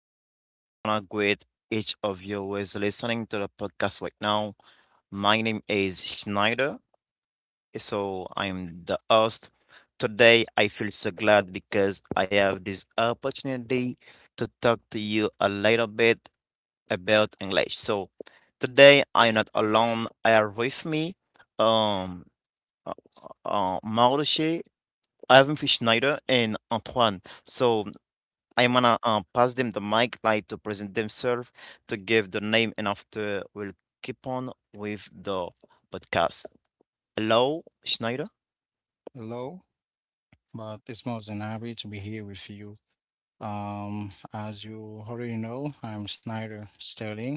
Hello, I want to greet each of you who is listening to the podcast right now. My name is Schneider, so I'm the host. Today, I feel so glad because I have this opportunity to talk to you a little bit about English. So today, I'm not alone. I have with me um, uh, Maurice, Ivan Schneider, and Antoine. So I'm gonna pass them the mic, like to present themselves, to give the name, and after we'll keep on with the podcast. Hello, Schneider. Hello, but it's more than happy to be here with you. As you already know, I'm Snyder Sterling,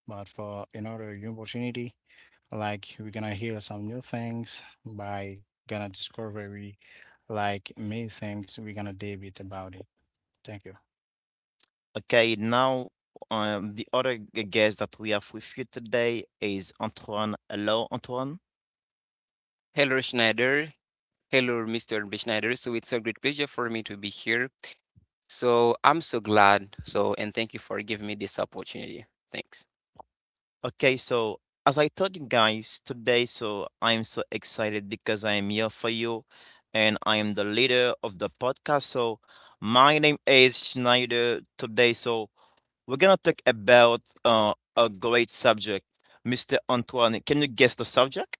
but for another new opportunity, like we're gonna hear some new things by gonna discover we like many things we're gonna debate about it. Thank you. Okay, now the other guest that we have with you today is Antoine. Hello, Antoine. Hello, Schneider. Hello, Mr. B. Schneider. So it's a great pleasure for me to be here. So I'm so glad. So, and thank you for giving me this opportunity. Thanks. Okay, so as I told you guys today, so I'm so excited because I am here for you and I am the leader of the podcast. So my name is Schneider today. So we're gonna talk about a great subject. Mr. Antoine, can you guess the subject?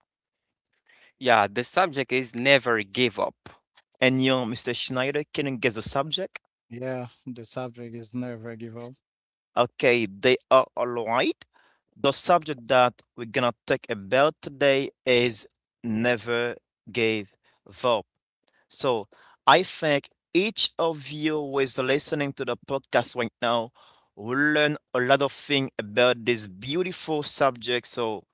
Yeah, the subject is never give up. And you, Mr. Schneider, can you guess the subject? Yeah, the subject is never give up. Okay, they are all right. The subject that we're gonna talk about today is never give up. So I think each of you who is listening to the podcast right now will learn a lot of things about this beautiful subject. So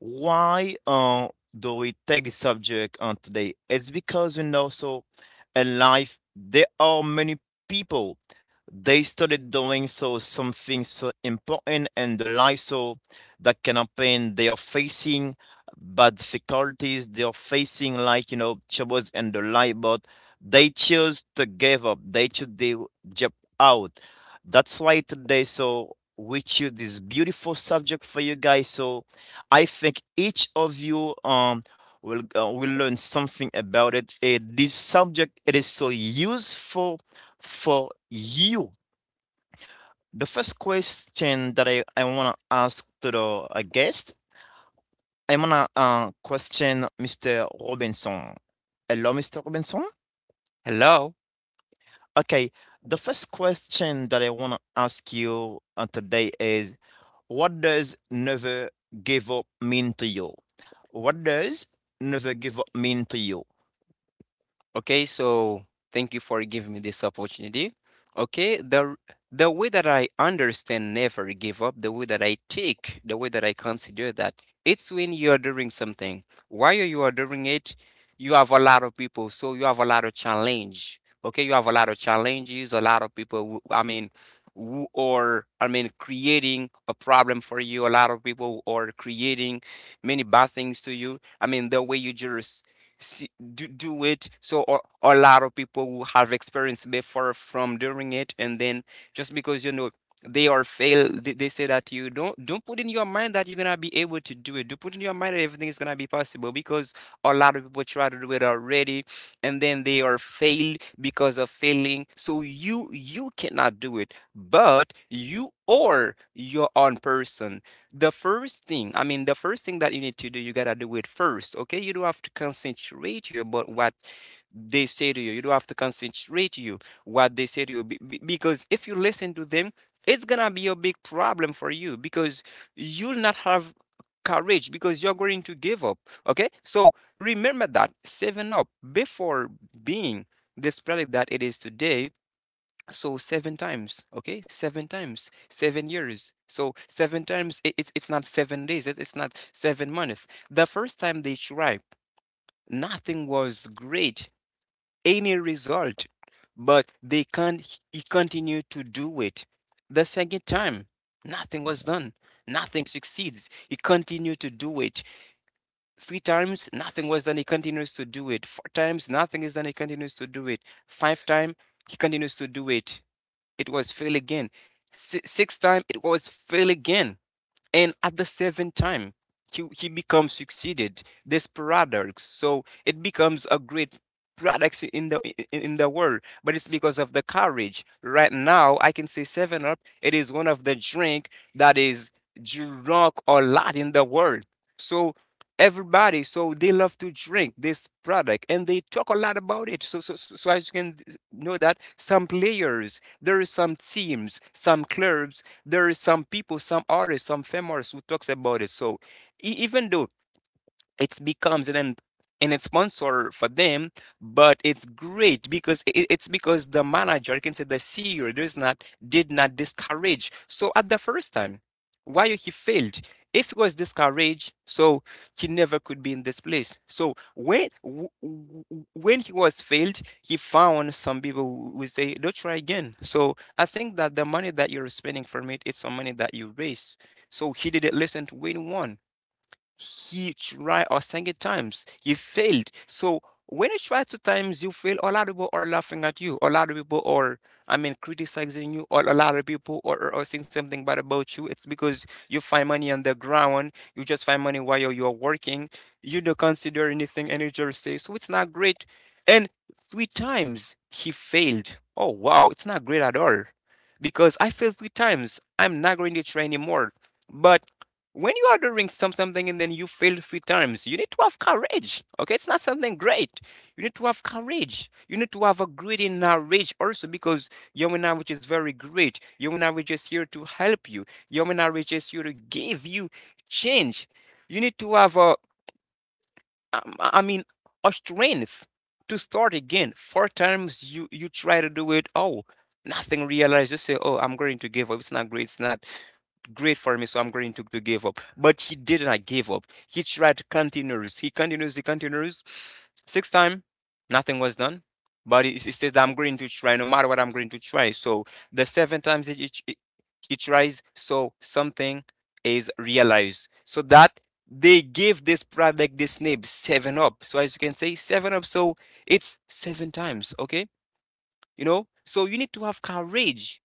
why do we take the subject on today? It's because so in life there are many people they started doing so something so important in the life, so that can happen. They are facing bad difficulties. They are facing like troubles in the life, but they choose to give up. They choose to jump out. That's why today, so we choose this beautiful subject for you guys. So I think each of you will learn something about it. This subject it is so useful for you. The first question that I wanna ask to the guest, I wanna question Mr. Robinson. Hello, Mr. Robinson. Hello. Okay, the first question that I wanna ask you today is, what does never give up mean to you? What does never give up mean to you? Okay, so thank you for giving me this opportunity. Okay, the way that I understand never give up, the way that I take, the way that I consider that, it's when you are doing something. While you are doing it, you have a lot of people, so you have a lot of challenge. Okay, you have a lot of challenges, a lot of people. Who, I mean, who are I mean creating a problem for you. A lot of people who are creating many bad things to you. I mean, the way you just see do it so, or a lot of people who have experience before from doing it, and then just because they are fail, they say that you don't put in your mind that you're gonna be able to do it, do put in your mind that everything is gonna be possible, because a lot of people try to do it already and then they are failed. Because of failing, so you cannot do it, but you are your own person. The first thing, I mean, the first thing that you need to do, you gotta do it first. Okay, you don't have to concentrate you about what they say to you. You don't have to concentrate you what they say to you. Because if you listen to them, it's gonna be a big problem for you, because you'll not have courage, because you're going to give up. Okay, so remember that saving up before being this product that it is today. So 7 times, okay? 7 times, 7 years. So 7 times, it's not 7 days, it- it's not 7 months. The first time they tried, nothing was great, any result, but they can he continued to do it. The second time, nothing was done, nothing succeeds. He continued to do it. Three times, nothing was done, he continues to do it. Four times, nothing is done, he continues to do it. Five times, he continues to do it, it was fail again. Sixth time, it was fail again. And at the seventh time, he becomes succeeded. This paradox, so it becomes a great products in the world, but it's because of the courage. Right now I can say seven up, it is one of the drink that is drunk a lot in the world. So everybody, so they love to drink this product, and they talk a lot about it. So so so so, as you can know that some players, there is some teams, some clubs, there is some people, some artists, some famous who talks about it. So even though it becomes an sponsor for them. But it's great, because it's because the manager, I can say the CEO, does not, did not discourage, so at the first time why he failed. If he was discouraged, so he never could be in this place. So when when he was failed, he found some people who would say, don't try again, so I think that the money that you're spending from it, it's some money that you raise. So he didn't listen to anyone. He tried a second times. He failed. So when you try 2 times, you fail. A lot of people are laughing at you. A lot of people are, I mean, criticizing you. Or a lot of people are saying something bad about you. It's because you find money on the ground. You just find money while you're working. You don't consider anything and you just say, so it's not great. And 3 times he failed. Oh, wow. It's not great at all. Because I failed 3 times, I'm not going to try anymore. But when you are doing something and then you fail 3 times, you need to have courage. Okay, it's not something great. You need to have courage. You need to have a greedy knowledge also, because your knowledge is very great. Your knowledge is here to help you. Your knowledge is here to give you change. You need to have a I mean, a strength to start again. Four times you try to do it. Oh, nothing realized. You say, oh, I'm going to give up. It's not great. It's not great for me, so I'm going to give up. But he did not give up. He tried to continues. He continues. He continues. Six time, nothing was done. But he says that I'm going to try, no matter what, I'm going to try. So the 7 times that he tries, so something is realized. So that they give this product this name 7 up. So as you can say 7 up, so it's 7 times. Okay, you know, so you need to have courage.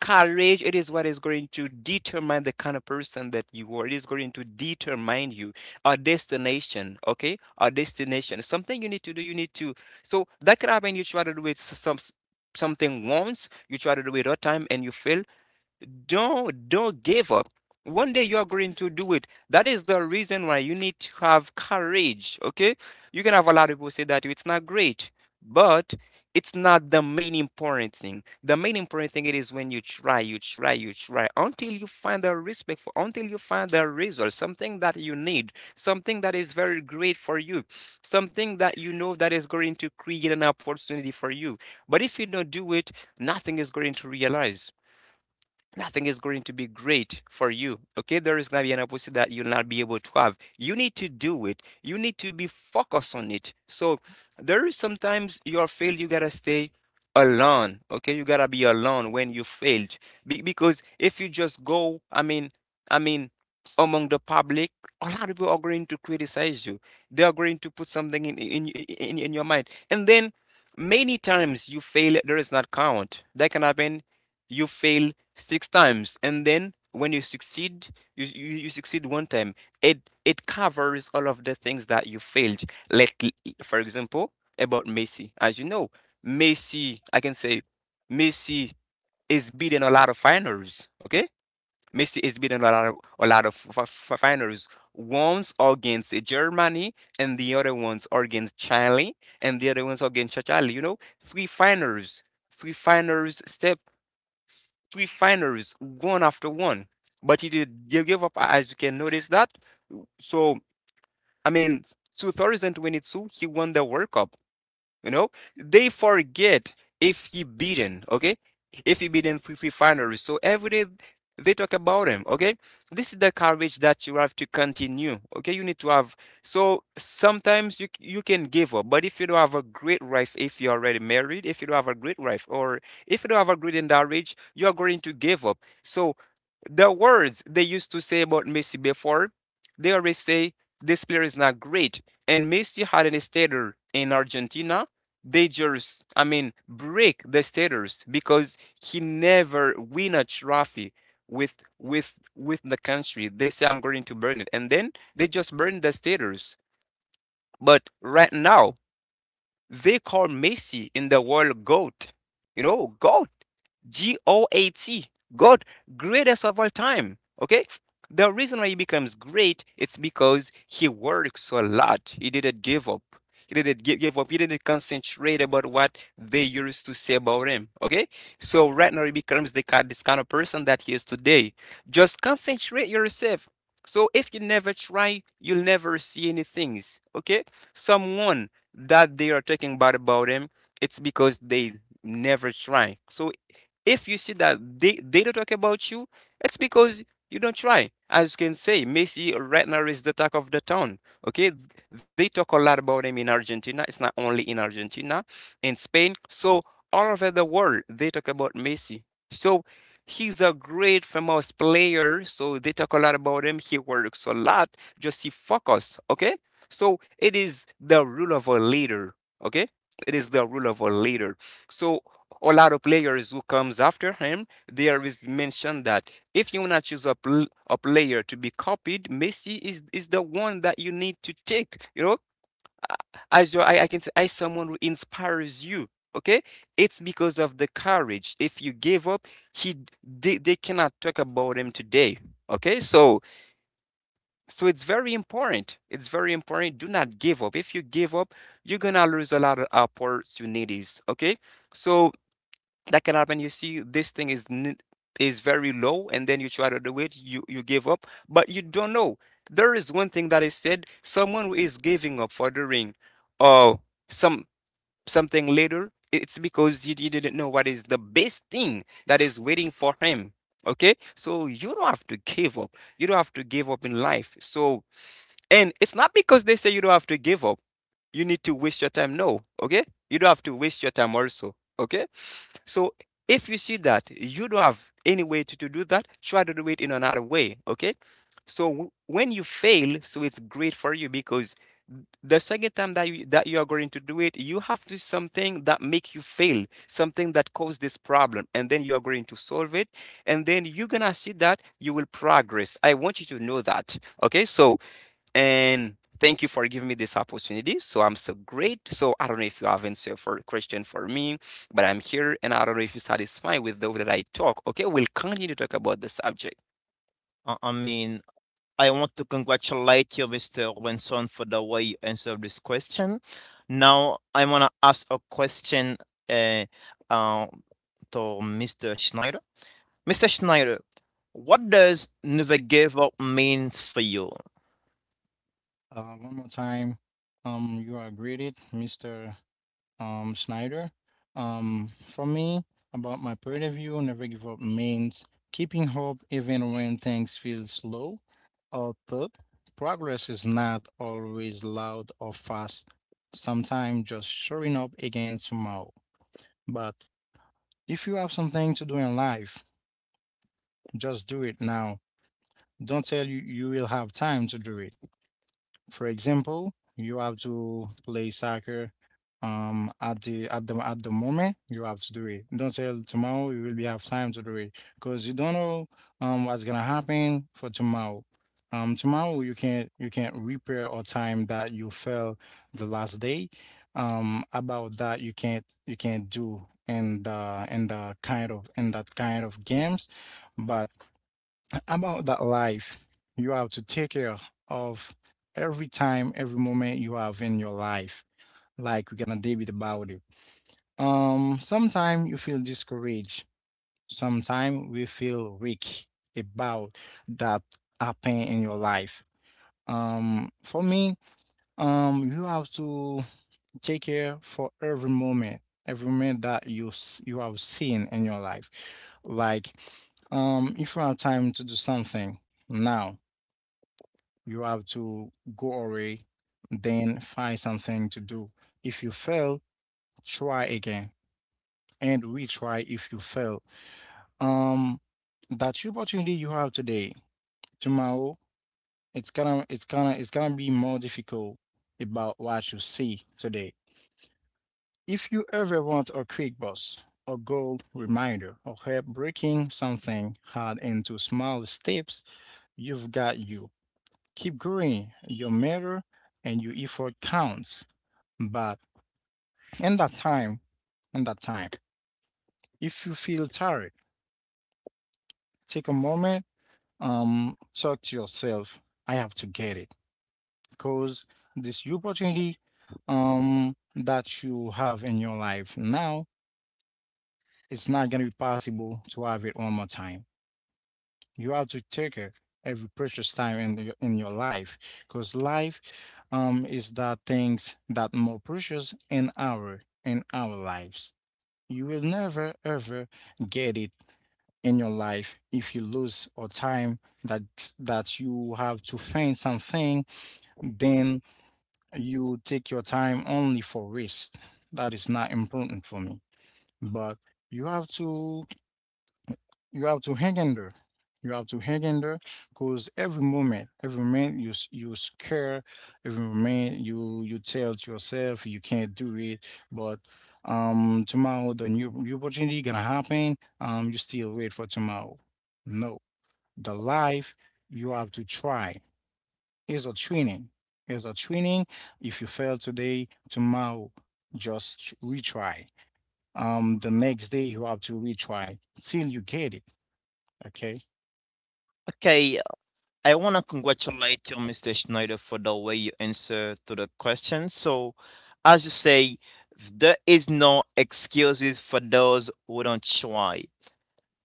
Courage, it is what is going to determine the kind of person that you are. It is going to determine you a destination. Okay, a destination, something you need to do, you need to, so that could happen. You try to do it something. Once you try to do it a time and you fail, don't give up. One day you are going to do it. That is the reason why you need to have courage. Okay, you can have a lot of people say that it's not great, but it's not the main important thing. The main important thing, it is when you try, you try, you try until you find the respect for, until you find the result, something that you need, something that is very great for you, something that you know that is going to create an opportunity for you. But if you don't do it, nothing is going to realize. Nothing is going to be great for you. Okay, there is going to be an opportunity that you'll not be able to have. You need to do it. You need to be focused on it. So there is sometimes your fail. You gotta stay alone. Okay, you gotta be alone when you failed. Because if you just go, I mean, among the public, a lot of people are going to criticize you. They are going to put something in your mind, and then many times you fail. There is not count. That can happen, you fail 6 times, and then when you succeed, you succeed one time, it covers all of the things that you failed. Let, for example, about Messi, as you know, Messi, I can say Messi is beating a lot of finals. Okay, Messi is beating a lot of finals. One's against Germany and the other ones are against Chile, and the other ones are against Chile, you know, three finals, three finals step, three finalists, one after one. But he did give up, as you can notice that. So, I mean, 2022, he won the World Cup. You know, they forget if he beaten, okay? If he beaten free refinery. So every day they talk about him, okay? This is the courage that you have to continue, okay? You need to have. So sometimes you can give up, but if you don't have a great wife, if you're already married, if you don't have a great wife, or if you don't have a great marriage, you're going to give up. So the words they used to say about Messi before, they always say this player is not great. And Messi had an starter in Argentina, they just, I mean, break the status because he never win a trophy with the country. They say I'm going to burn it, and then they just burn the status. But right now they call Messi in the world GOAT. You know, GOAT. G O A T. GOAT. Greatest of all time. Okay? The reason why he becomes great, it's because he works a lot. He didn't give up. He didn't give up. He didn't concentrate about what they used to say about him. Okay? So right now he becomes the kind this kind of person that he is today. Just concentrate yourself. So if you never try, you'll never see any things. Okay? Someone that they are talking bad about him, it's because they never try. So if you see that they don't talk about you, it's because you don't try. As you can say, Messi right now is the talk of the town. Okay, they talk a lot about him in Argentina. It's not only in Argentina, in Spain. So all over the world, they talk about Messi. So he's a great famous player. So they talk a lot about him. He works a lot. Just he focus. Okay, so it is the rule of a leader. Okay, it is the rule of a leader. So a lot of players who comes after him, there is mentioned that if you wanna choose a, a player to be copied, Messi is the one that you need to take. You know, as your I can say, as someone who inspires you. Okay, it's because of the courage. If you give up, he they cannot talk about him today. Okay, so it's very important. It's very important. Do not give up. If you give up, you're gonna lose a lot of opportunities. Okay, so that can happen. You see, this thing is is very low, and then you try to do it. You give up, but you don't know. There is one thing that is said: someone who is giving up for doing, uh, some something later. It's because he didn't know what is the best thing that is waiting for him. Okay, so you don't have to give up. You don't have to give up in life. So and it's not because they say you don't have to give up. You need to waste your time. No, okay? You don't have to waste your time also, okay? So if you see that you don't have any way to, do that, try to do it in another way, okay? So when you fail, so it's great for you because the second time that you are going to do it, you have to do something that make you fail, something that caused this problem, and then you are going to solve it, and then you're gonna see that you will progress. I want you to know that. Okay, so and thank you for giving me this opportunity. So I'm so great. So I don't know if you have answer for question for me, but I'm here and I don't know if you're satisfied with the way that I talk. Okay, we'll continue to talk about the subject. I mean, I want to congratulate you, Mr. Robinson, for the way you answered this question. Now, I want to ask a question uh, uh, to Mr. Schneider. Mr. Schneider, what does never give up means for you? One more time, you are greeted, Mr. Snyder. For me, about my point of view, never give up means keeping hope even when things feel slow or third. Progress is not always loud or fast, sometimes just showing up again tomorrow. But if you have something to do in life, just do it now. Don't tell you you will have time to do it. For example, you have to play soccer at the moment you have to do it. Don't say tomorrow you will be have time to do it, because you don't know what's gonna happen for tomorrow. Tomorrow you can't repair or time that you fell the last day. About that you can't do in the kind of in that kind of games, but about that life you have to take care of every time, every moment you have in your life, like we're gonna debate about it. Sometimes you feel discouraged, sometimes we feel weak about that happen in your life. For me, you have to take care for every moment, every moment that you have seen in your life. Like, if you have time to do something now, you have to go away, then find something to do. If you fail, try again and retry if you fail. Um, that opportunity you have today, tomorrow, it's gonna be more difficult about what you see today. If you ever want a quick bus, a goal reminder, or help breaking something hard into small steps, you've got you. Keep going. Your matter and your effort counts. But in that time, in that time, if you feel tired, take a moment, talk to yourself. I have to get it, because this opportunity, that you have in your life now, it's not gonna be possible to have it one more time. You have to take it every precious time in your life, because life, is that things that more precious in our lives. You will never ever get it in your life if you lose or time that you have to find something, then you take your time only for rest. That is not important for me, but you have to you have to hang in there. you have to hang in there because every moment you scare, every moment you tell to yourself you can't do it. But tomorrow the new opportunity gonna happen. You still wait for tomorrow? No. The life you have to try is a training. Is a training. If you fail today, tomorrow, just retry. The next day you have to retry till you get it. Okay. Okay, I want to congratulate you, Mr. Schneider, for the way you answer to the question. So, as you say, there is no excuses for those who don't try.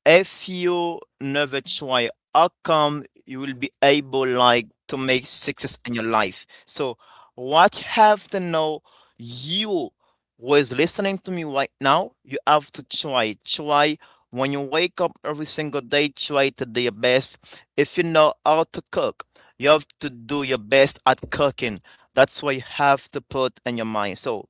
If you never try, outcome you will be able like to make success in your life. So what have to know, you who is listening to me right now, you have to try. When you wake up every single day, try to do your best. If you know how to cook, you have to do your best at cooking. That's what you have to put in your mind. So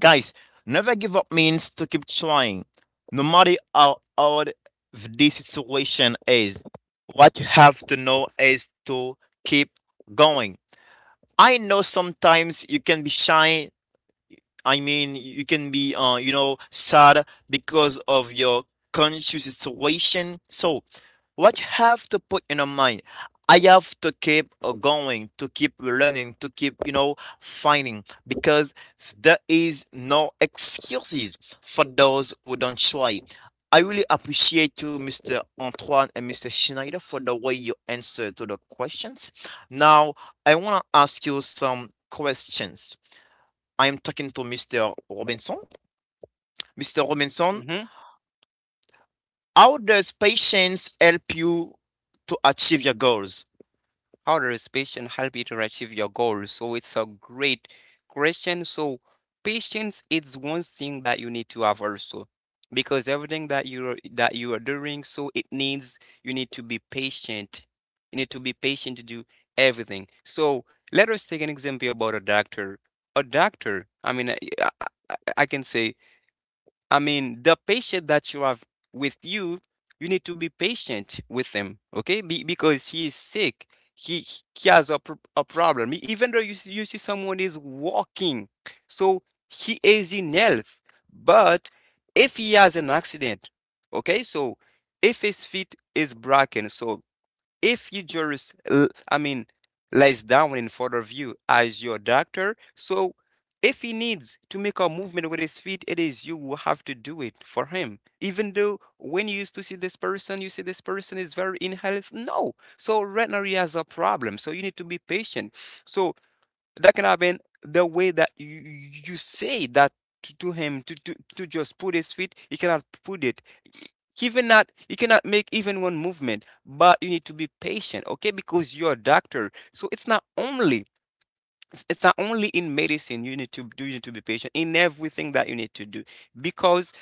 guys, never give up means to keep trying. No matter how hard the situation is, what you have to know is to keep going. I know sometimes you can be shy. I mean, you can be sad because of your conscious situation. So what you have to put in your mind? I have to keep going, to keep learning, to keep finding, because there is no excuses for those who don't try. I really appreciate you, Mr. Antoine and Mr. Schneider, for the way you answer to the questions. Now, I want to ask you some questions. I am talking to Mr. Robinson. Mr. Robinson, hmm how does patience help you to achieve your goals? How does patience help you to achieve your goal? So it's a great question. So patience is one thing that you need to have also. Because everything that you are doing, so it needs you need to be patient. You need to be patient to do everything. So let us take an example about a doctor. A doctor, I mean, I I can say, I mean, the patient that you have with you, you need to be patient with him, okay? Because he is sick. He he has a, a problem. Even though you see, someone is walking, so he is in health. But if he has an accident, okay, so if his feet is broken, so if you just, I mean, lays down in front of you as your doctor, so if he needs to make a movement with his feet, it is you who have to do it for him. Even though when you used to see this person, you see this person is very in health. No. So right now he has a problem. So you need to be patient. So that can happen the way that you say that to, him to just put his feet, he cannot put it, even not you cannot make even one movement, but you need to be patient, okay, because you're a doctor. So it's not only, it's not only in medicine, you need to do, you need to be patient in everything that you need to do, because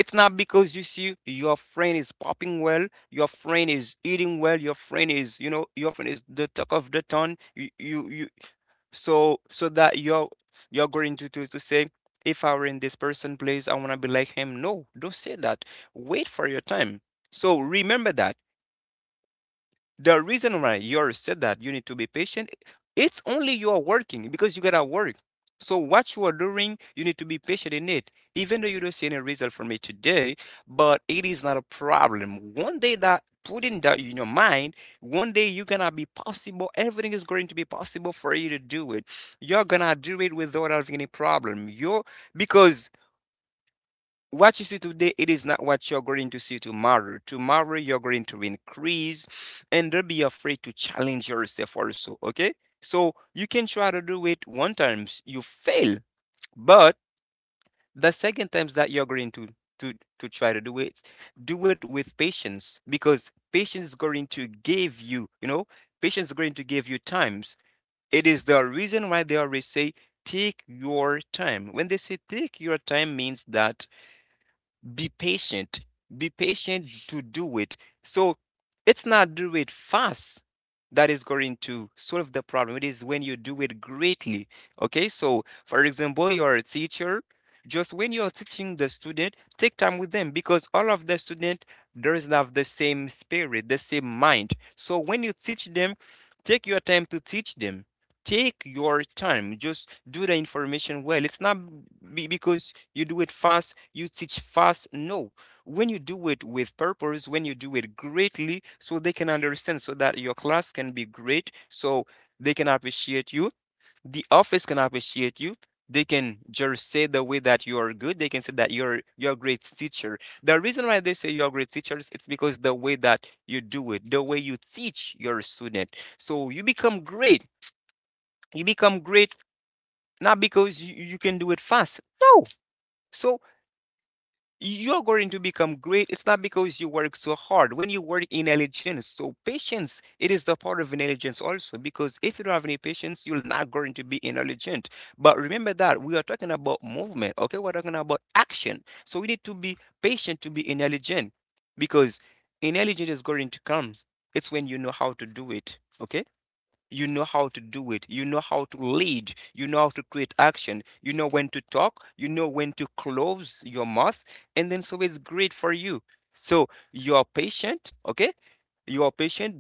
it's not because you see your friend is popping well, your friend is eating well, your friend is, your friend is the talk of the town, you so so that you're going to, say if I were in this person's place, I want to be like him. No, don't say that. Wait for your time. So remember that the reason why you said that you need to be patient, it's only you are working because you gotta work. So what you are doing, you need to be patient in it. Even though you don't see any result from it today, but it is not a problem. One day that putting that in your mind, one day you're gonna be possible. Everything is going to be possible for you to do it. You're gonna do it without having any problem. You Because what you see today, it is not what you're going to see tomorrow. Tomorrow, you're going to increase, and don't be afraid to challenge yourself also. Okay. So you can try to do it one times, you fail, but the second times that you're going to to try to do it with patience, because patience is going to give you, patience is going to give you times. It is the reason why they always say, take your time. When they say take your time, means that be patient, be patient to do it. So it's not do it fast that is going to solve the problem, it is when you do it greatly. Okay, so for example, you're a teacher. Just when you're teaching the student, take time with them, because all of the student doesn't have the same spirit, the same mind. So when you teach them, take your time to teach them, take your time, just do the information well. It's not be because you do it fast, you teach fast. No, when you do it with purpose, when you do it greatly, so they can understand, so that your class can be great. So they can appreciate you, the office can appreciate you, they can just say the way that you are good, they can say that you're a great teacher. The reason why they say you're great teachers, it's because the way that you do it, the way you teach your student, so you become great, you become great, not because you can do it fast. No. So you're going to become great. It's not because you work so hard. When you work intelligence, so patience, it is the part of intelligence also. Because if you don't have any patience, you're not going to be intelligent. But remember that we are talking about movement. Okay, we're talking about action. So we need to be patient to be intelligent, because intelligence is going to come. It's when you know how to do it. Okay. You know how to do it. You know how to lead. You know how to create action. You know when to talk. You know when to close your mouth. And then so it's great for you. So you are patient, okay? You are patient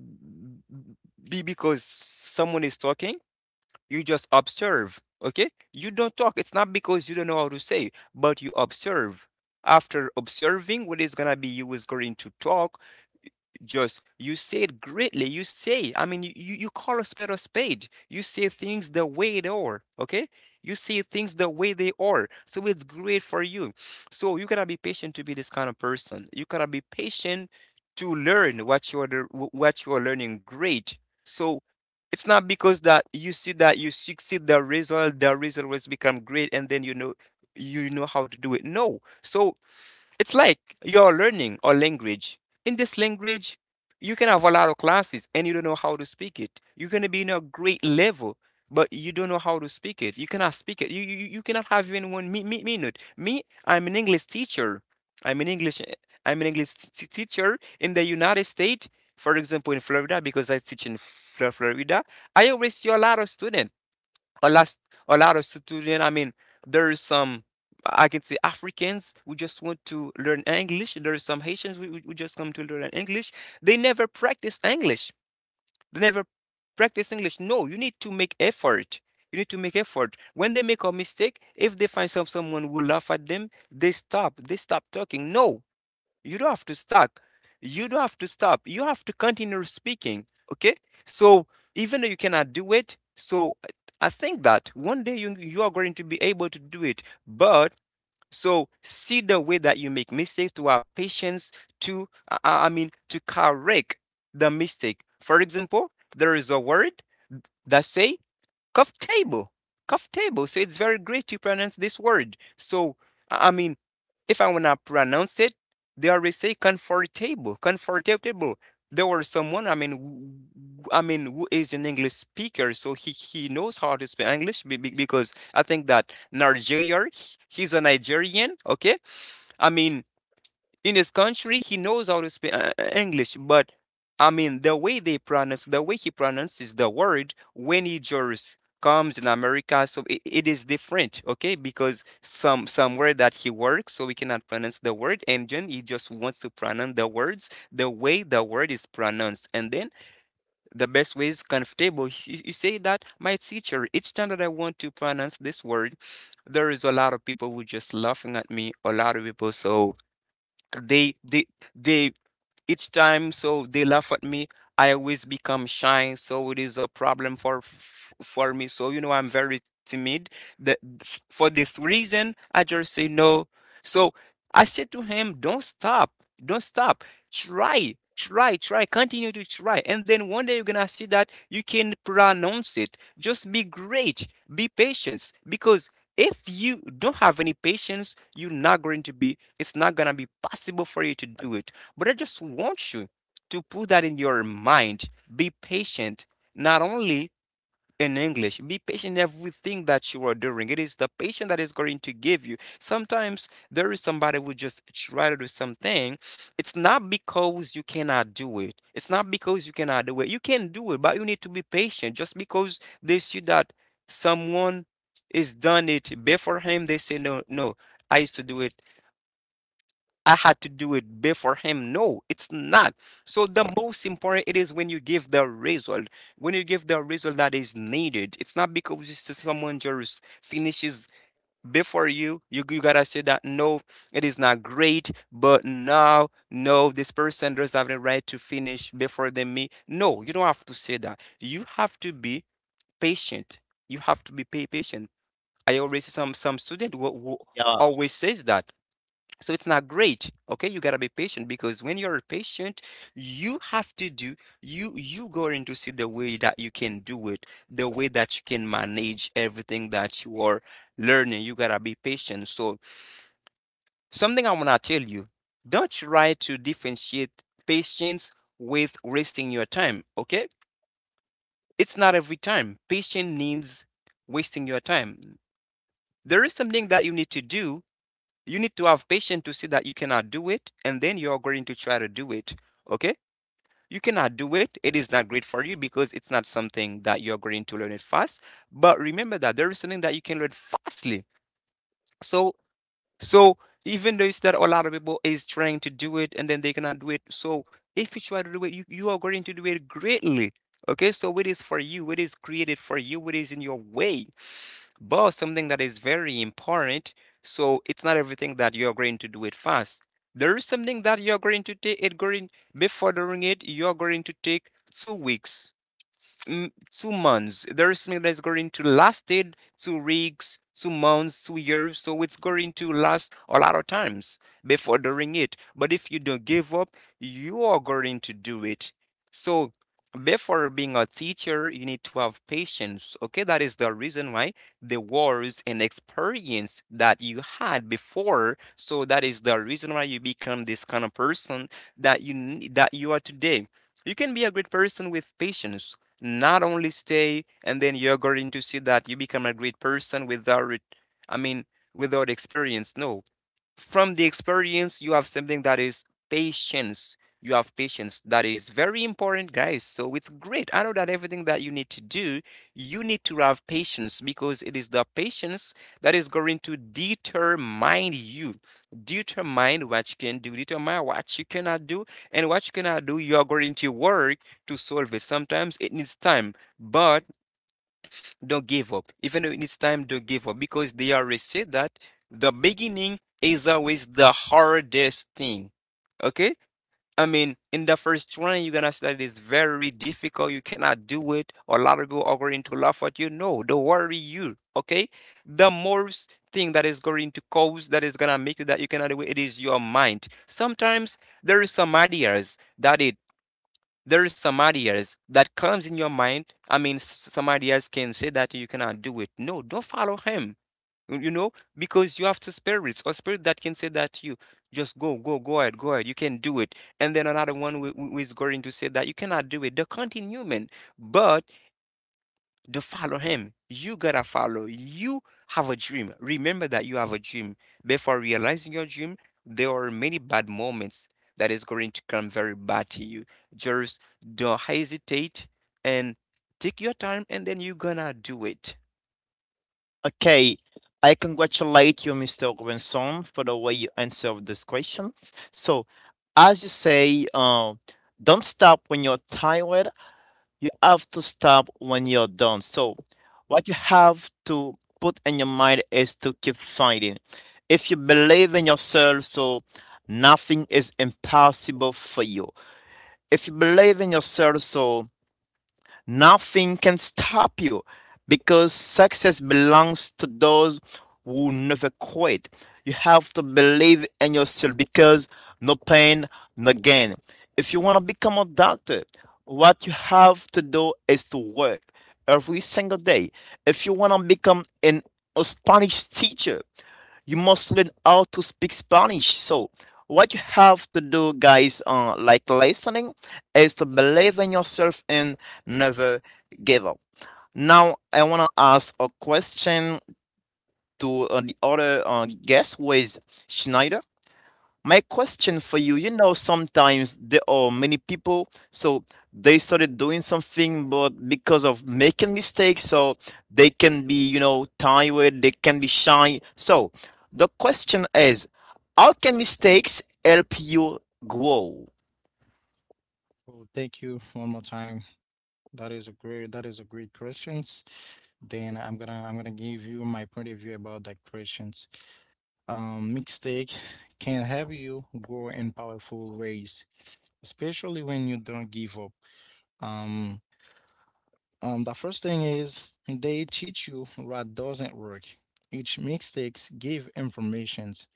be because someone is talking. You just observe, okay? You don't talk. It's not because you don't know how to say, but you observe. After observing what is gonna be, you is going to talk, just you say it greatly. You say, I mean, you call a spade a spade. You say things the way they are, okay? You say things the way they are. So it's great for you. So you gotta be patient to be this kind of person. You gotta be patient to learn what you're the, what you're learning great. So it's not because that you see that you succeed the result will become great, and then you know, you know how to do it. No. So it's like you're learning a language. In this language, you can have a lot of classes and you don't know how to speak it. You are gonna be in a great level, but you don't know how to speak it. You cannot speak it. You you cannot have even one minute. Me, I'm an English teacher. I'm an English, I'm an English teacher in the United States, for example, in Florida, because I teach in Florida. I always see a lot of students, a lot, a lot of students, I mean, there is some, I can say, Africans who just want to learn English, there is some Haitians who, who just come to learn English. They never practice English. They never practice English. No, you need to make effort. You need to make effort. When they make a mistake, if they find some, someone will laugh at them, they stop, they stop talking. No, you don't have to stop. You don't have to stop. You have to continue speaking. Okay? So even though you cannot do it, so I think that one day you are going to be able to do it. But so see the way that you make mistakes to our patience to I mean to correct the mistake. For example, there is a word that say cough table. Cough table. So it's very great to pronounce this word. So, I mean, if I wanna pronounce it, they already say comfortable, comfortable. There was someone, I mean, I mean, who is an English speaker, so he knows how to speak English because I think that Nigeria, he's a Nigerian, okay? I mean, in his country he knows how to speak English. But I mean the way they pronounce, the way he pronounces the word when he just comes in America, so it is different. Okay, because somewhere that he works, so we cannot pronounce the word, and then he just wants to pronounce the words the way the word is pronounced. And then the best way is comfortable. He say that, my teacher, each time that I want to pronounce this word, there is a lot of people who just laughing at me, a lot of people. So they they each time so they laugh at me. I always become shy, so it is a problem for for me. So you know, I'm very timid, that, for this reason I just say no. So I said to him, don't stop, don't stop. Try, try, try, continue to try. And then one day you're gonna see that you can pronounce it. Just be great, be patient. Because if you don't have any patience, you're not going to be, it's not gonna be possible for you to do it. But I just want you to put that in your mind. Be patient. Not only in English. Be patient in everything that you are doing. It is the patient that is going to give you. Sometimes there is somebody who just try to do something. It's not because you cannot do it. It's not because you cannot do it. You can do it, but you need to be patient. Just because they see that someone is done it before him, they say no, no. I used to do it, I had to do it before him. No, it's not. So the most important it is when you give the result, when you give the result that is needed. It's not because it's just someone just finishes before you. You gotta say that no, it is not great, but now no, this person does have the right to finish before than me. No, you don't have to say that. You have to be patient. You have to be patient. I always see some student who Yeah. always says that so it's not great. Okay, you gotta be patient, because when you're patient, you have to do, you going to see the way that you can do it, the way that you can manage everything that you are learning. You gotta be patient. So something I wanna tell you, don't try to differentiate patience with wasting your time. Okay? It's not every time. Patience needs wasting your time. There is something that you need to do, you need to have patience to see that you cannot do it and then you're going to try to do it. Okay, you cannot do it, it is not great for you because it's not something that you're going to learn it fast. But remember that there is something that you can learn fastly. So so even though it's that a lot of people is trying to do it and then they cannot do it. So if you try to do it, you are going to do it greatly. Okay, so it is for you, it is created for you, it is in your way. But something that is very important, so it's not everything that you're going to do it fast. There is something that you're going to take it going, before doing it, you're going to take 2 weeks, 2 months. There is something that's going to lasted 2 weeks, 2 months, 2 years. So it's going to last a lot of times before doing it. But if you don't give up, you are going to do it. So before being a teacher, you need to have patience. Okay, that is the reason why the wars and experience that you had before. So that is the reason why you become this kind of person that that you are today. You can be a great person with patience. Not only stay, and then you're going to see that you become a great person without, I mean, without experience. No, from the experience you have something that is patience. You have patience that is very important, guys. So it's great, I know that everything that you need to do, you need to have patience, because it is the patience that is going to determine you, determine what you can do, determine what you cannot do. And what you cannot do, you are going to work to solve it. Sometimes it needs time, but don't give up. Even though it's time, don't give up, because they already said that the beginning is always the hardest thing. Okay? I mean, in the first try, you're gonna say that it's very difficult. You cannot do it, or a lot of people are going to laugh at you. No, don't worry you. Okay? The most thing that is going to cause that is gonna make you that you cannot do it, it is your mind. Sometimes there is some ideas that it, there is some ideas that comes in your mind. I mean, some ideas can say that you cannot do it. No, don't follow him. You know, because you have two spirits, or spirit that can say that you just go, go, go ahead, go ahead. You can do it. And then another one who is going to say that you cannot do it. They're the continuum, but to follow him. You gotta follow. You have a dream. Remember that you have a dream. Before realizing your dream, there are many bad moments that is going to come very bad to you. Just don't hesitate, and take your time, and then you're gonna do it. Okay. I congratulate you, Mr. Robinson, for the way you answered this question. So, as you say, don't stop when you're tired. You have to stop when you're done. So, what you have to put in your mind is to keep fighting. If you believe in yourself, so nothing is impossible for you. If you believe in yourself, so nothing can stop you because success belongs to those who never quit. You have to believe in yourself because no pain, no gain. If you want to become a doctor, what you have to do is to work every single day. If you want to become a Spanish teacher, you must learn how to speak Spanish. So, what you have to do, guys, like listening, is to believe in yourself and never give up. Now, I want to ask a question to the other guest, who is Schneider. My question for you, sometimes there are many people, so they started doing something, but because of making mistakes, so they can be tired, they can be shy. So the question is, how can mistakes help you grow? Well, thank you one more time. That is a great questions. Then I'm gonna give you my point of view about that questions. Mistake can help you grow in powerful ways, especially when you don't give up. Um, the first thing is they teach you what doesn't work. Each mistakes give informations,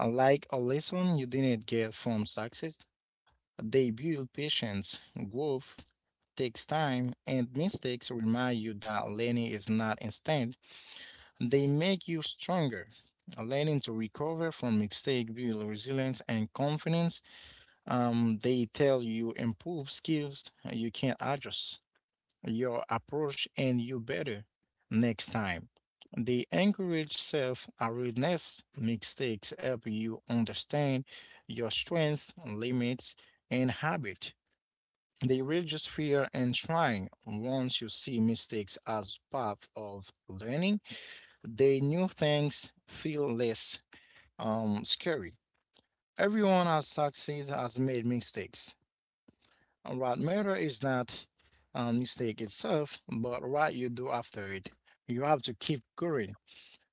like a lesson you didn't get from success. They build patience, growth takes time, and mistakes remind you that learning is not instant. They make you stronger. Learning to recover from mistake build resilience and confidence. They tell you improve skills, you can adjust your approach and you better next time. The encourage self awareness mistakes help you understand your strengths, limits, and habit. They reduce fear and trying. Once you see mistakes as part of learning, the new things feel less scary. Everyone has succeeds has made mistakes. What matter is not mistake itself, but what you do after it. You have to keep going,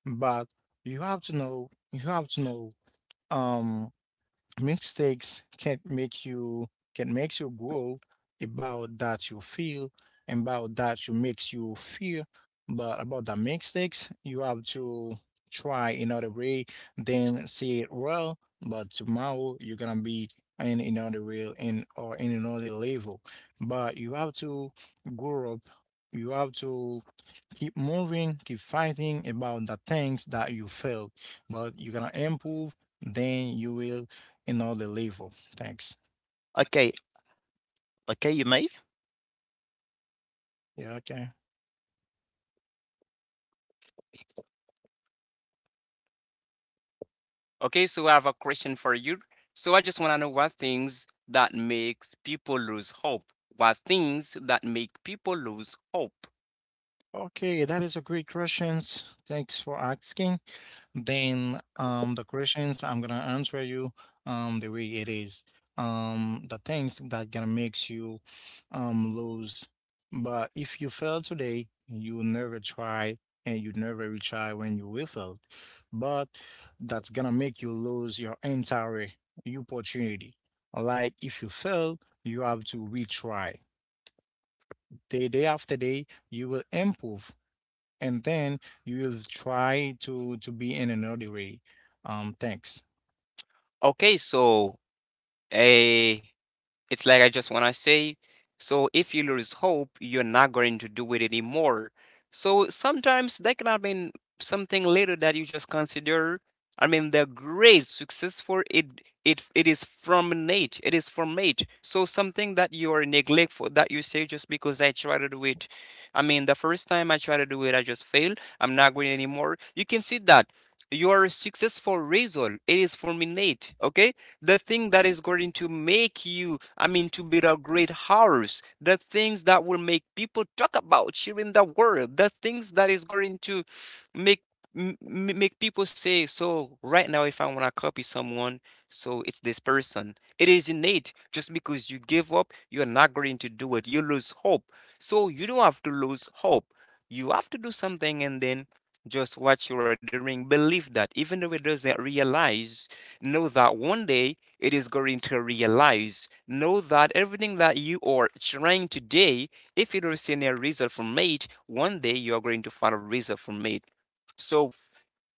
but you have to know um mistakes can make you can makes you grow about that you feel, and about that you makes you fear. But about the mistakes, you have to try another way, then see it well. But tomorrow you're gonna be in another way, in or in another level. But you have to grow up, you have to keep moving, keep fighting about the things that you failed. But you're gonna improve, then you will in all the level. Thanks. Okay, okay, you may. Yeah, okay. Okay, so I have a question for you. So I just wanna know what things that makes people lose hope. What things that make people lose hope. Okay, that is a great questions. Thanks for asking. Then the questions I'm gonna answer you the way it is. The things that gonna makes you lose. But if you fail today, you will never try, and you never retry when you will fail. But that's gonna make you lose your entire opportunity. Like, if you fail, you have to retry. Day after day you will improve, and then you will try to be in another way. Thanks. Okay, so eh, it's like I just want to say, so if you lose hope, you're not going to do it anymore. So sometimes that can have been something later that you just consider. I mean, the great successful it is from Nate. It is from Nate. So something that you are neglectful that you say, just because I try to do it. I mean, the first time I try to do it, I just failed. I'm not going anymore. You can see that your successful result, it is fulminate. Okay, the thing that is going to make you, I mean, to build a great house, the things that will make people talk about you in the world, the things that is going to make, make people say, so right now if I want to copy someone, so it's this person, it is innate. Just because you give up, you're not going to do it, you lose hope. So you don't have to lose hope. You have to do something, and then just what you are doing. Believe that, even though it doesn't realize, know that one day it is going to realize. Know that everything that you are trying today, if you don't see any result from it, one day you are going to find a result from it. So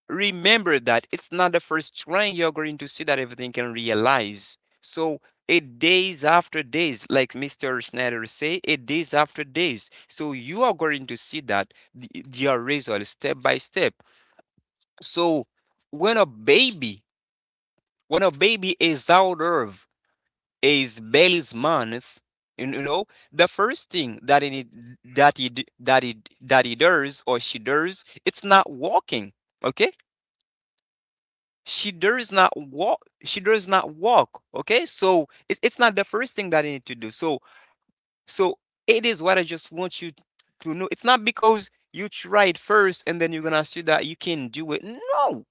remember that it's not the first time you're going to see that everything can realize. So it days after days, like Mr. Schneider say, it days after days. So you are going to see that the result step by step. So when a baby, when a baby is out of his belly's month, you know, the first thing that it that it that he does or she does, it's not walking. Okay, she does not walk, she does not walk. Okay, so it's not the first thing that I need to do. So it is what I just want you to know. It's not because you tried first and then you're gonna see that you can do it. No,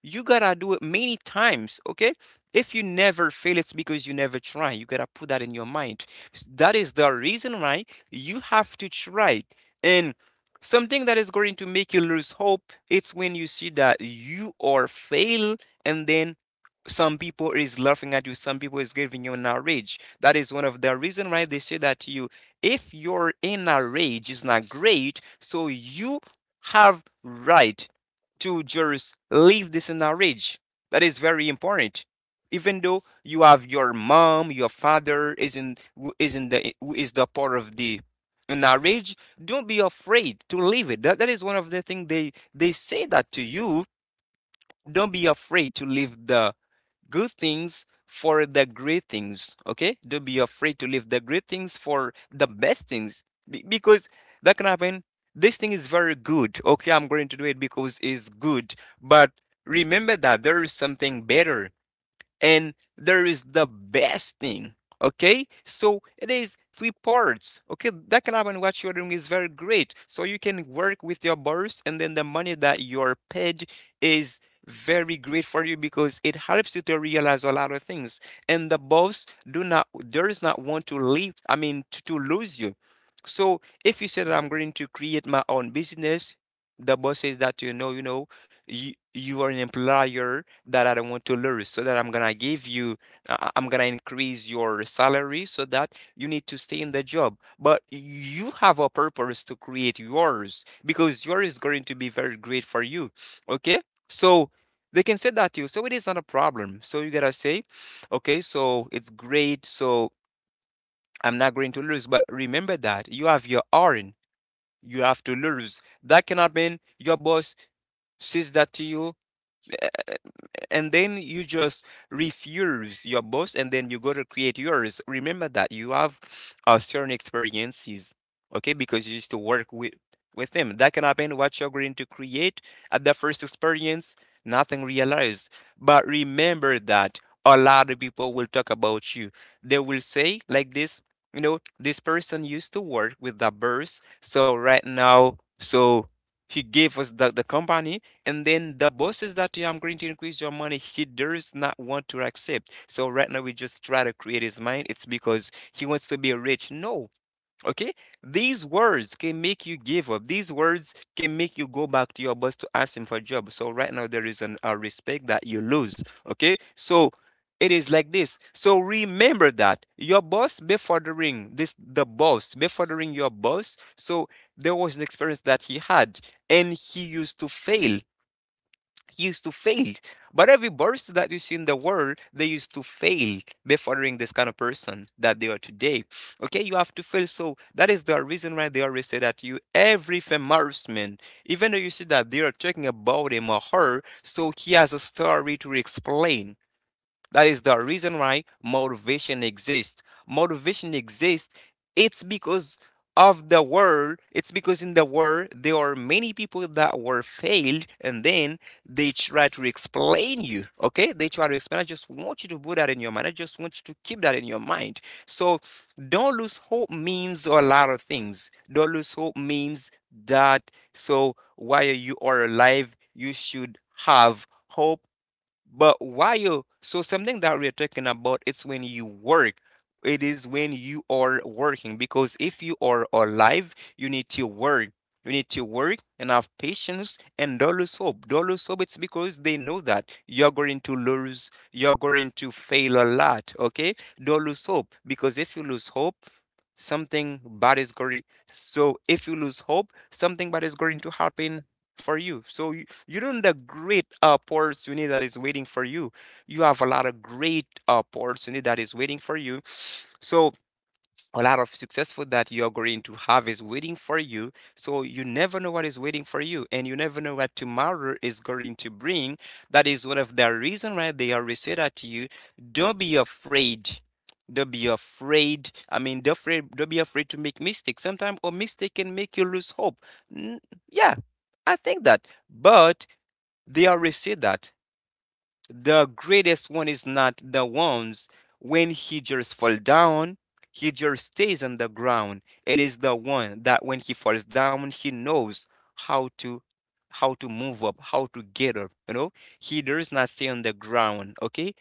you gotta do it many times. Okay, if you never fail, it's because you never try. You gotta put that in your mind. That is the reason why you have to try. And something that is going to make you lose hope, it's when you see that you are fail. And then some people is laughing at you, some people is giving you an outrage. That is one of the reason why they say that to you. If your inner rage is not great, so you have right to just leave this inner rage. That is very important. Even though you have your mom, your father is in, who is in the, who is the part of the inner rage, don't be afraid to leave it. That is one of the things they say that to you. Don't be afraid to leave the good things for the great things. Okay, don't be afraid to leave the great things for the best things. Because that can happen. This thing is very good. Okay, I'm going to do it because it's good. But remember that there is something better, and there is the best thing. Okay, so it is three parts. Okay, that can happen. What you're doing is very great, so you can work with your boss, and then the money that you're paid is very great for you because it helps you to realize a lot of things. And the boss do not, does not want to leave, I mean to lose you. So if you say that I'm going to create my own business, the boss says that, you know, you know, you are an employer that I don't want to lose, so that I'm gonna give you, I'm gonna increase your salary so that you need to stay in the job. But you have a purpose to create yours because yours is going to be very great for you. Okay, so they can say that to you, so it is not a problem. So you gotta say, okay, so it's great, so I'm not going to lose. But remember that you have your own. You have to lose. That cannot mean your boss says that to you, and then you just refuse your boss and then you go to create yours. Remember that you have certain experiences. Okay, because you used to work with them, that can happen. What you're going to create at the first experience, nothing realized. But remember that a lot of people will talk about you. They will say like this, you know, this person used to work with the birds, so right now, so he gave us the company. And then the boss is that you, I'm going to increase your money, he does not want to accept. So right now we just try to create his mind. It's because he wants to be rich. No. Okay? These words can make you give up. These words can make you go back to your boss to ask him for a job. So right now there is an a respect that you lose. Okay? So it is like this. So remember that your boss befuddering this, the boss befuddering your boss. So there was an experience that he had, and he used to fail, used to fail. But every barista that you see in the world, they used to fail before being this kind of person that they are today. Okay, you have to fail. So that is the reason why they always say that you, every famous man, even though you see that they are talking about him or her, so he has a story to explain. That is the reason why motivation exists. Motivation exists, it's because of the world. It's because in the world there are many people that were failed and then they try to explain you. Okay? They try to explain. I just want you to put that in your mind. I just want you to keep that in your mind. So don't lose hope means a lot of things. Don't lose hope means that, so while you are alive, you should have hope. But while, so something that we are talking about, it's when you work. It is when you are working, because if you are alive, you need to work. You need to work and have patience and dollars hope. Dollars hope, it's because they know that you're going to lose, you're going to fail a lot, okay? Dollars hope, because if you lose hope, something bad is going. So if you lose hope, something bad is going to happen for you. So you don't the great opportunity that is waiting for you. You have a lot of great opportunity that is waiting for you. So a lot of successful that you're going to have is waiting for you. So you never know what is waiting for you, and you never know what tomorrow is going to bring. That is one of the reason why they always say that to you, don't be afraid. Don't be afraid. I mean, don't afraid. Don't be afraid to make mistakes. Sometimes a mistake can make you lose hope. N- yeah, I think that. But they always say that. The greatest one is not the ones when he just fall down, he just stays on the ground. It is the one that when he falls down, he knows how to, how to move up, how to get up, you know? He does not stay on the ground, okay?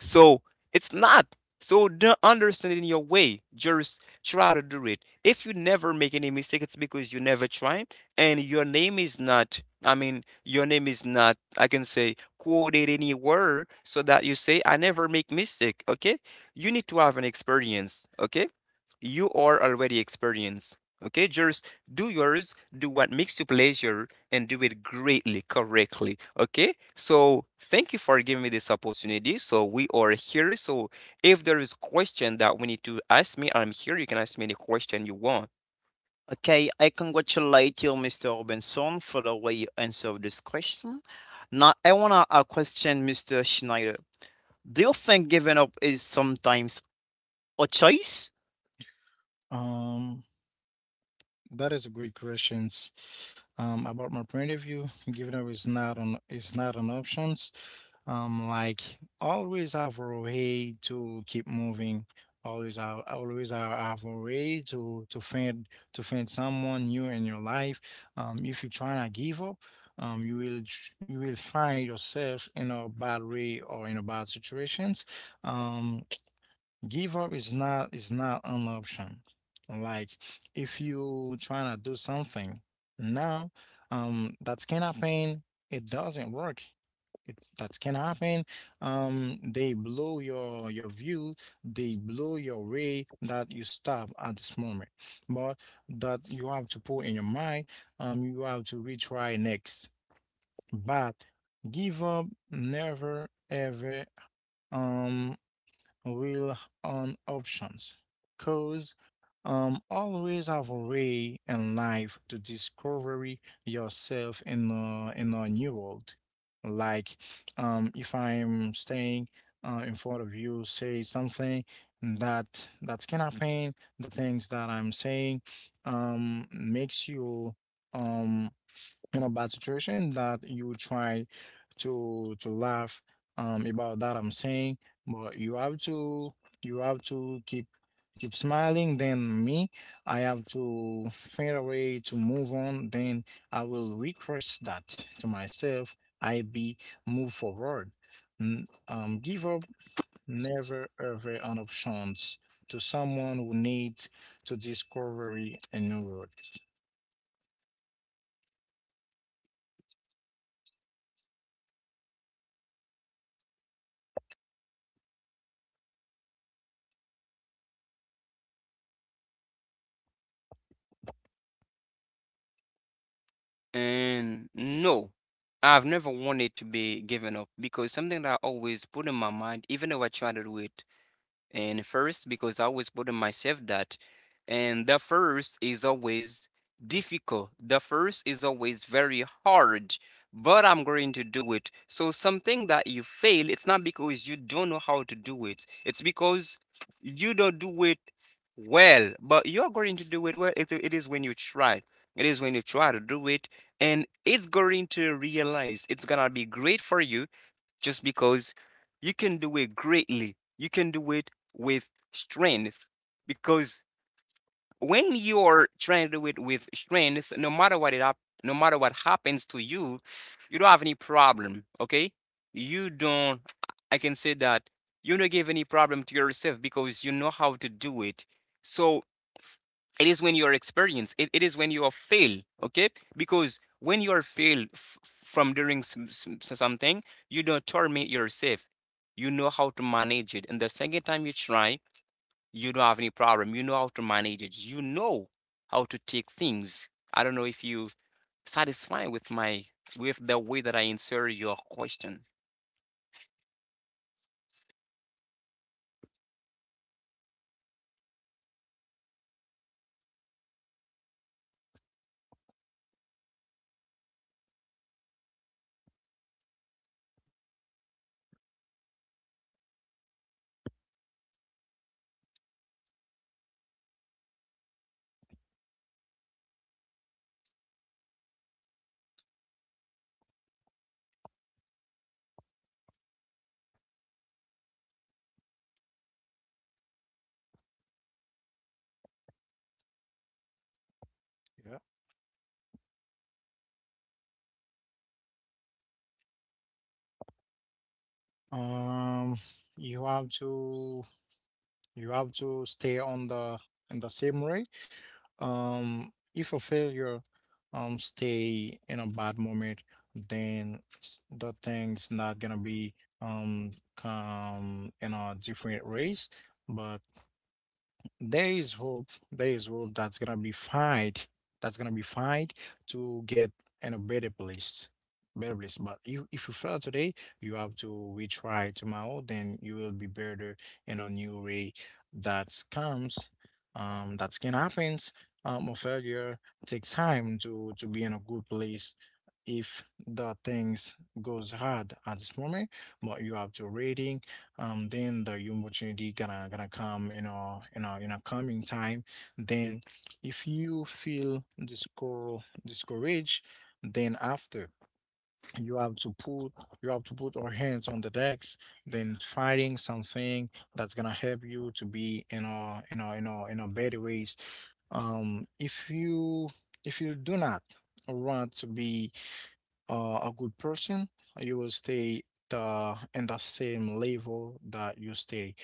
So it's not. So don't understand it in your way. Just try to do it. If you never make any mistake, it's because you never try, and your name is not. I mean, your name is not, I can say, quoted anywhere, so that you say I never make mistake. Okay, you need to have an experience. Okay, you are already experienced. Okay, just do yours. Do what makes you pleasure, and do it greatly, correctly. Okay. So thank you for giving me this opportunity. So we are here. So if there is question that we need to ask me, I'm here. You can ask me any question you want. Okay, I congratulate you, Mr. Robinson, for the way you answered this question. Now, I want to question Mr. Schneider. Do you think giving up is sometimes a choice? um That is a great question. About my point of view, giving up is not an option. Like, always have a way to keep moving. Always have a way to find someone new in your life. If you try not give up, you will you will find yourself in a bad way or in a bad situations. Um, Give up is not an option. Like, if you trying to do something now, that can happen, it doesn't work, it that can happen. They blow your view, they blow your way that you stop at this moment. But that you have to put in your mind, you have to retry next. But give up, never ever, um will on options. Cause always have a way in life to discovery yourself in a new world. Like, if I'm staying in front of you say something that can happen, the things that I'm saying makes you um in a bad situation that you try to laugh about that I'm saying. But you have to keep smiling. Then me, I have to find a way to move on. Then I will request that to myself. I be move forward. Give up, never ever, an options to someone who needs to discovery a new roads. And no, I've never wanted to be given up, because something that I always put in my mind, even though I try to do it, and first, because I always put on myself that, and the first is always difficult. The first is always very hard, but I'm going to do it. So something that you fail, it's not because you don't know how to do it. It's because you don't do it well, but you're going to do it well. It is when you try. It is when you try to do it, and it's going to realize. It's gonna be great for you just because you can do it greatly. You can do it with strength, because when you're trying to do it with strength, no matter what it up, no matter what happens to you, you don't have any problem. Okay, you don't. I can say that you don't give any problem to yourself, because you know how to do it. So it is when you are experienced. It is when you are fail. Okay, because when you are failed from doing something, you don't torment yourself. You know how to manage it, and the second time you try, you don't have any problem. You know how to manage it. You know how to take things. I don't know if you satisfied with my, with the way that I answer your question. Yeah. Um, you have to you have to stay on the in the same way. If a failure stay in a bad moment, then the thing's not gonna be come in a different race, but there is hope. There is hope that's gonna be fight. That's gonna be fight to get in a better place. Better place. But if you fail today, you have to retry tomorrow. Then you will be better in a new way that comes. That can happen. A failure takes time to be in a good place. If the things goes hard at this moment, but you have to reading. Then the opportunity gonna come in a coming time. Then if you feel discouraged, then after you have to put you have to put our hands on the decks, then finding something that's gonna help you to be in a better ways. um if you if you do not want to be a good person, you will stay the in the same level that you stay.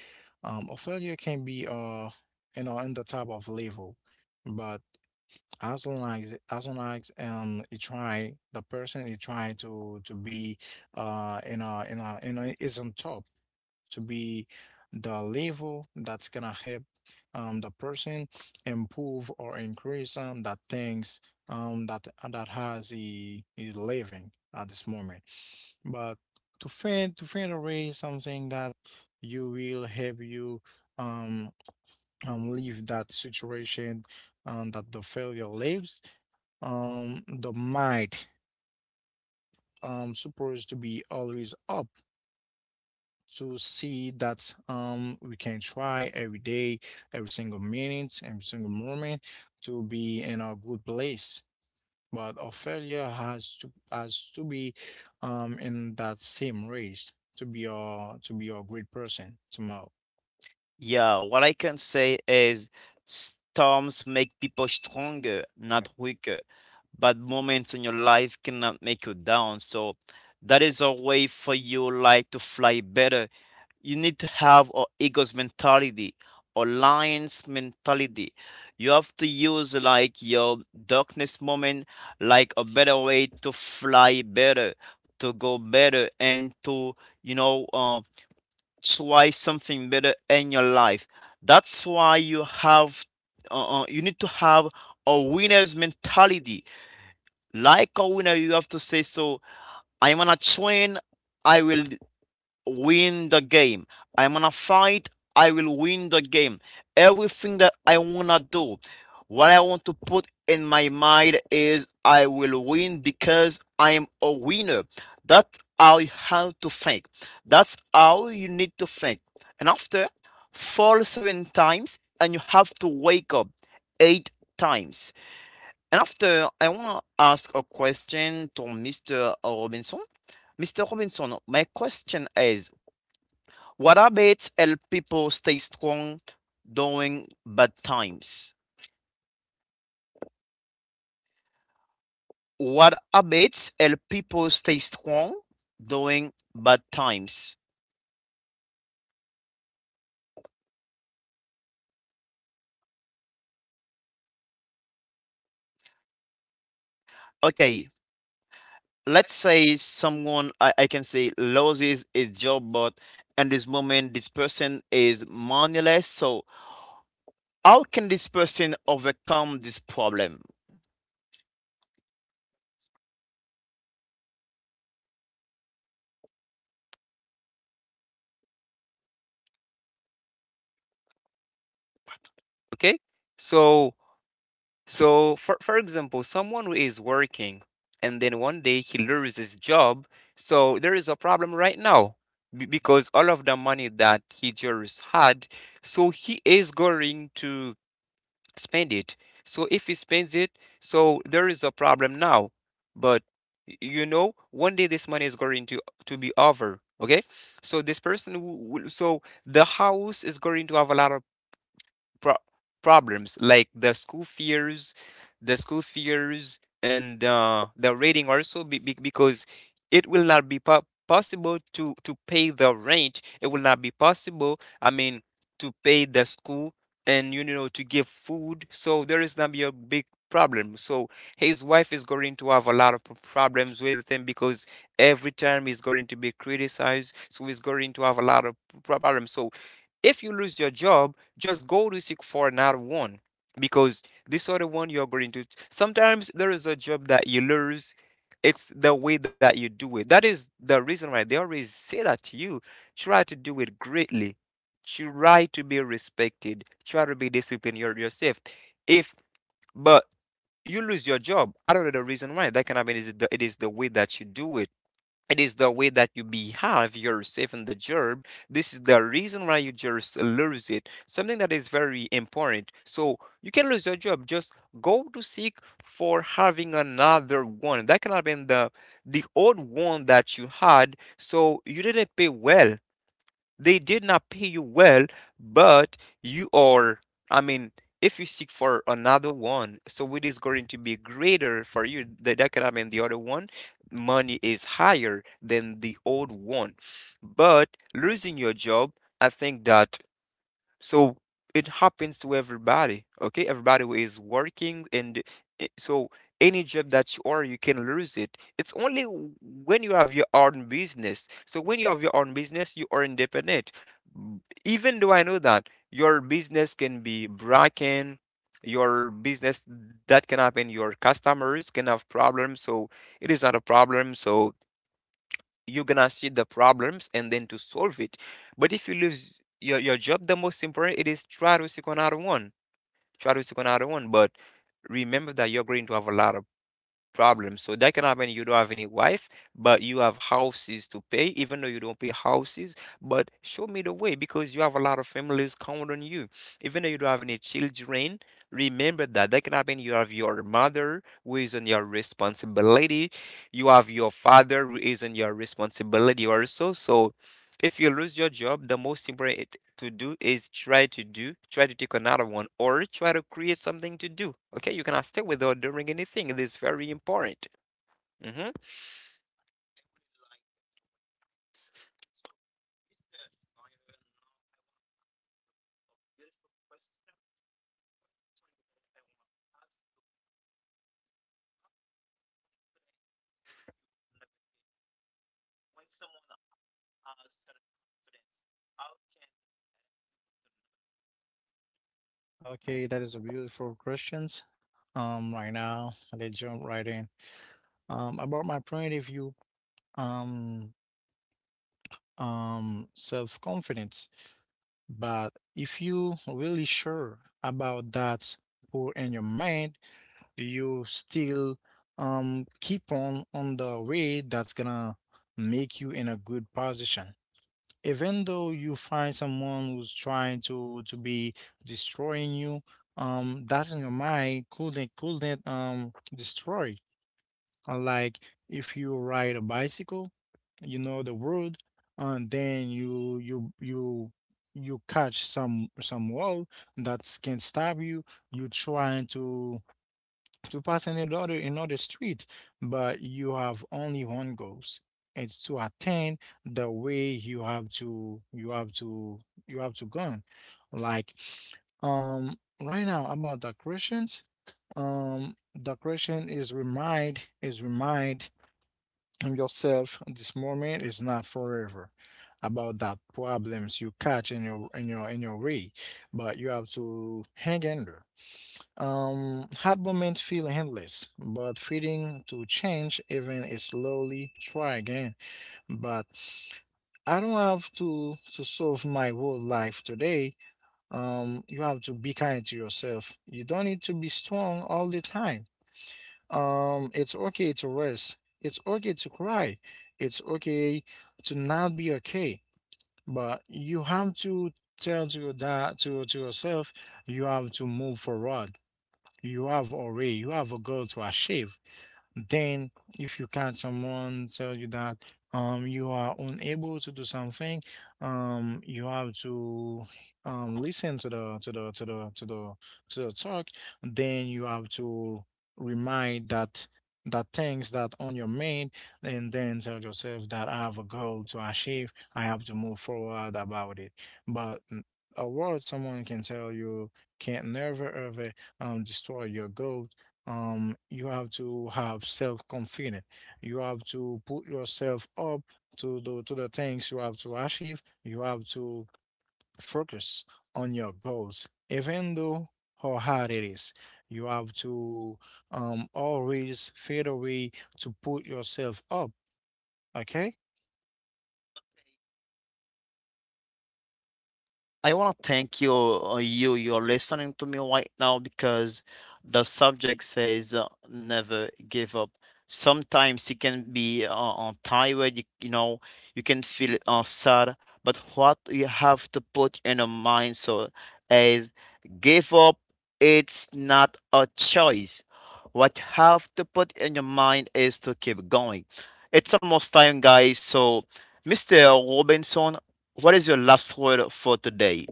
A failure can be in the type of level. But as long as you try, the person you try to be in a is on top to be the level that's gonna help the person improve or increase that things that has he is living at this moment. But to find away something that you will help you um leave that situation that the failure lives. The mind, supposed to be always up, to see that we can try every day, every single minute, every single moment, to be in a good place. But our failure has to be, in that same race to be a great person tomorrow. Yeah, what I can say is storms make people stronger, not weaker. Bad moments in your life cannot make you down. So that is a way for you like to fly better. You need to have a ego's mentality, a lion's mentality. You have to use like your darkness moment like a better way to fly better, to go better and to, you know, uh, try something better in your life. That's why you need to have a winner's mentality like a winner, you have to say, so I'm gonna train, I will win the game. I'm gonna fight, I will win the game. Everything that I wanna do, what I want to put in my mind is I will win because I am a winner. That's how you have to think. That's how you need to think. And after, fall seven times and you have to wake up eight times. And after, I want to ask a question to Mr. Robinson. Mr. Robinson, my question is, what habits help people stay strong during bad times? What habits help people stay strong during bad times? Okay, let's say someone, I can say, loses his job, but in this moment, this person is moneyless. So, how can this person overcome this problem? Okay? So so for example, someone who is working and then one day he loses his job, so there is a problem right now because all of the money that he just had, so he is going to spend it. So if he spends it, so there is a problem now. But you know, one day this money is going to be over. Okay, so this person, who, will-, so the house is going to have a lot of pro- problems like the school fears, and the rating also because it will not be possible to pay the rent. It will not be possible. I mean, to pay the school, and, you know, to give food. So there is gonna be a big problem. So his wife is going to have a lot of problems with him, because every time he's going to be criticized. So he's going to have a lot of problems. So if you lose your job, just go to seek for another one, because this other one you're going to. Sometimes there is a job that you lose. It's the way that you do it. That is the reason why they always say that to you. Try to do it greatly. Try to be respected. Try to be disciplined your, yourself. If, but you lose your job, I don't know the reason why. That can happen. It is the way that you do it, it is the way that you behave yourself in the job. This is the reason why you just lose it. Something that is very important. So you can lose your job. Just go to seek for having another one. That can have been the old one that you had. So you didn't pay well. They did not pay you well, but you are, I mean, if you seek for another one, so it is going to be greater for you. That can happen. The other one, money is higher than the old one. But losing your job, I think that so it happens to everybody, okay? Everybody who is working and so any job that you are, you can lose it. It's only when you have your own business. So when you have your own business, you are independent. B- Even though I know that your business can be broken, your business that can happen, your customers can have problems. So it is not a problem. So you're gonna see the problems and then to solve it. But if you lose your job, the most important it is try to seek another one. Try to seek another one. But remember that you're going to have a lot of problem. So that can happen. You don't have any wife, but you have houses to pay, even though you don't pay houses. But show me the way because you have a lot of families count on you. Even though you don't have any children, remember that that can happen. You have your mother who is on your responsibility. You have your father who is on your responsibility also. So if you lose your job, the most important it to do is try to do, try to take another one, or try to create something to do. Okay, you cannot stay without doing anything. It is very important. Mhm. Okay, that is a beautiful questions. Right now, let's jump right in. About my point of view. Um, Self-confidence. But if you really sure about that goal in your mind, you still keep on the way that's gonna make you in a good position. Even though you find someone who's trying to be destroying you, that in your mind couldn't destroy. Like, if you ride a bicycle, you know the road, and then you catch some wall that can stab you. You trying to pass in another street, but you have only one goals. It's to attain the way you have to go. Like, um right now about the Christians, the Christian is remind and yourself this moment is not forever about that problems you catch in your way. But you have to hang in there. Hard moments feel endless, but feeling to change even is slowly, try again. But I don't have to solve my whole life today. You have to be kind to yourself, you don't need to be strong all the time. It's okay to rest. It's okay to cry. It's okay to not be okay. But you have to tell to your dad, to yourself. You have to move forward. You have a way, you have a goal to achieve. Then, if you catch someone tell you that you are unable to do something, you have to listen to the talk. Then you have to remind that things that on your mind, and then tell yourself that I have a goal to achieve. I have to move forward about it. But a word someone can tell you can't never ever destroy your goal. You have to have self-confidence, you have to put yourself up to the things you have to achieve. You have to focus on your goals, even though how hard it is. You have to always find a way to put yourself up. Okay. I want to thank you, you're listening to me right now because the subject says never give up. Sometimes it can be tired, you can feel sad, but what you have to put in your mind so is give up, it's not a choice. What you have to put in your mind is to keep going. It's almost time, guys. So, Mr. Robinson, what is your last word for today?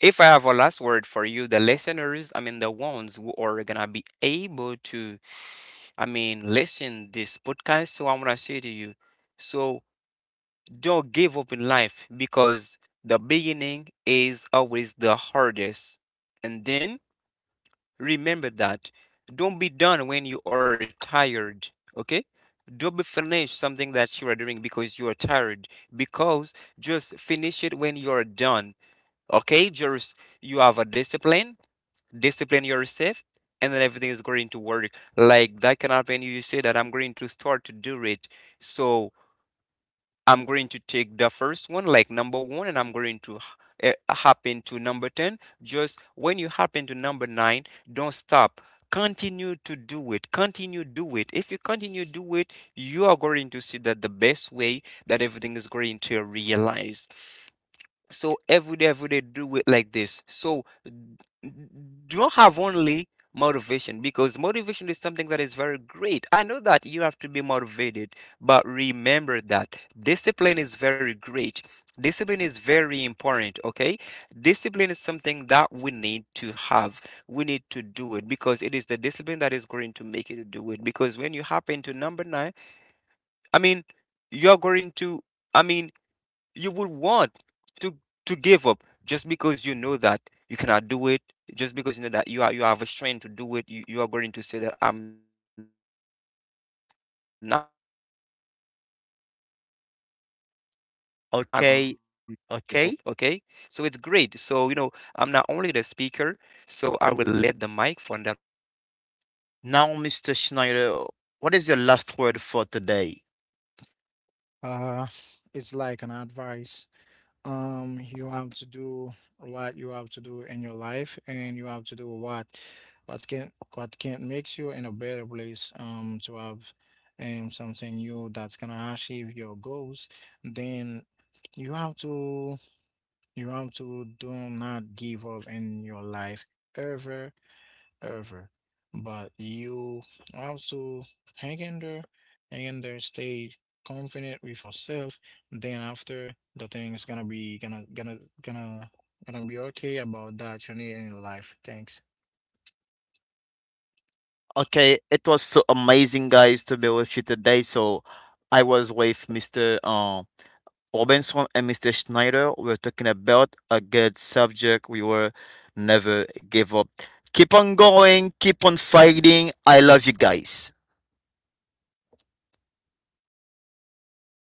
If I have a last word for you, the listeners, I mean the ones who are gonna be able to, I mean, listen this podcast. So I'm gonna say to you, so don't give up in life because the beginning is always the hardest, and then remember that. Don't be done when you are tired. Okay? Don't be finish something that you are doing because you are tired. Because just finish it when you are done. Okay? Just you have a discipline. Discipline yourself. And then everything is going to work. Like that can happen. You say that I'm going to start to do it. So I'm going to take the first one, like number one, and I'm going to happen to number 10. Just when you happen to number nine, don't stop. Continue to do it. Continue do it. If you continue do it, you are going to see that the best way that everything is going to realize. So every day, do it like this. So don't have only motivation because motivation is something that is very great. I know that you have to be motivated, but remember that discipline is very great. Discipline is very important, okay? Discipline is something that we need to have. We need to do it because it is the discipline that is going to make you to do it. Because when you happen to number nine, Okay, okay. Now, Mr. Schneider, what is your last word for today? uh it's like an advice. You have to do what you have to do in your life, and you have to do what can makes you in a better place to have something new that's gonna achieve your goals. Then you have to you have to do not give up in your life, ever ever. But you also hang in there, hang in there, stay confident with yourself. Then after the thing's gonna be gonna gonna gonna gonna be okay about that journey in life. Thanks. Okay, it was so amazing, guys, to be with you today. So, I was with Mr. Robinson and Mr. Schneider. We are talking about a good subject. We were never give up. Keep on going. Keep on fighting. I love you guys.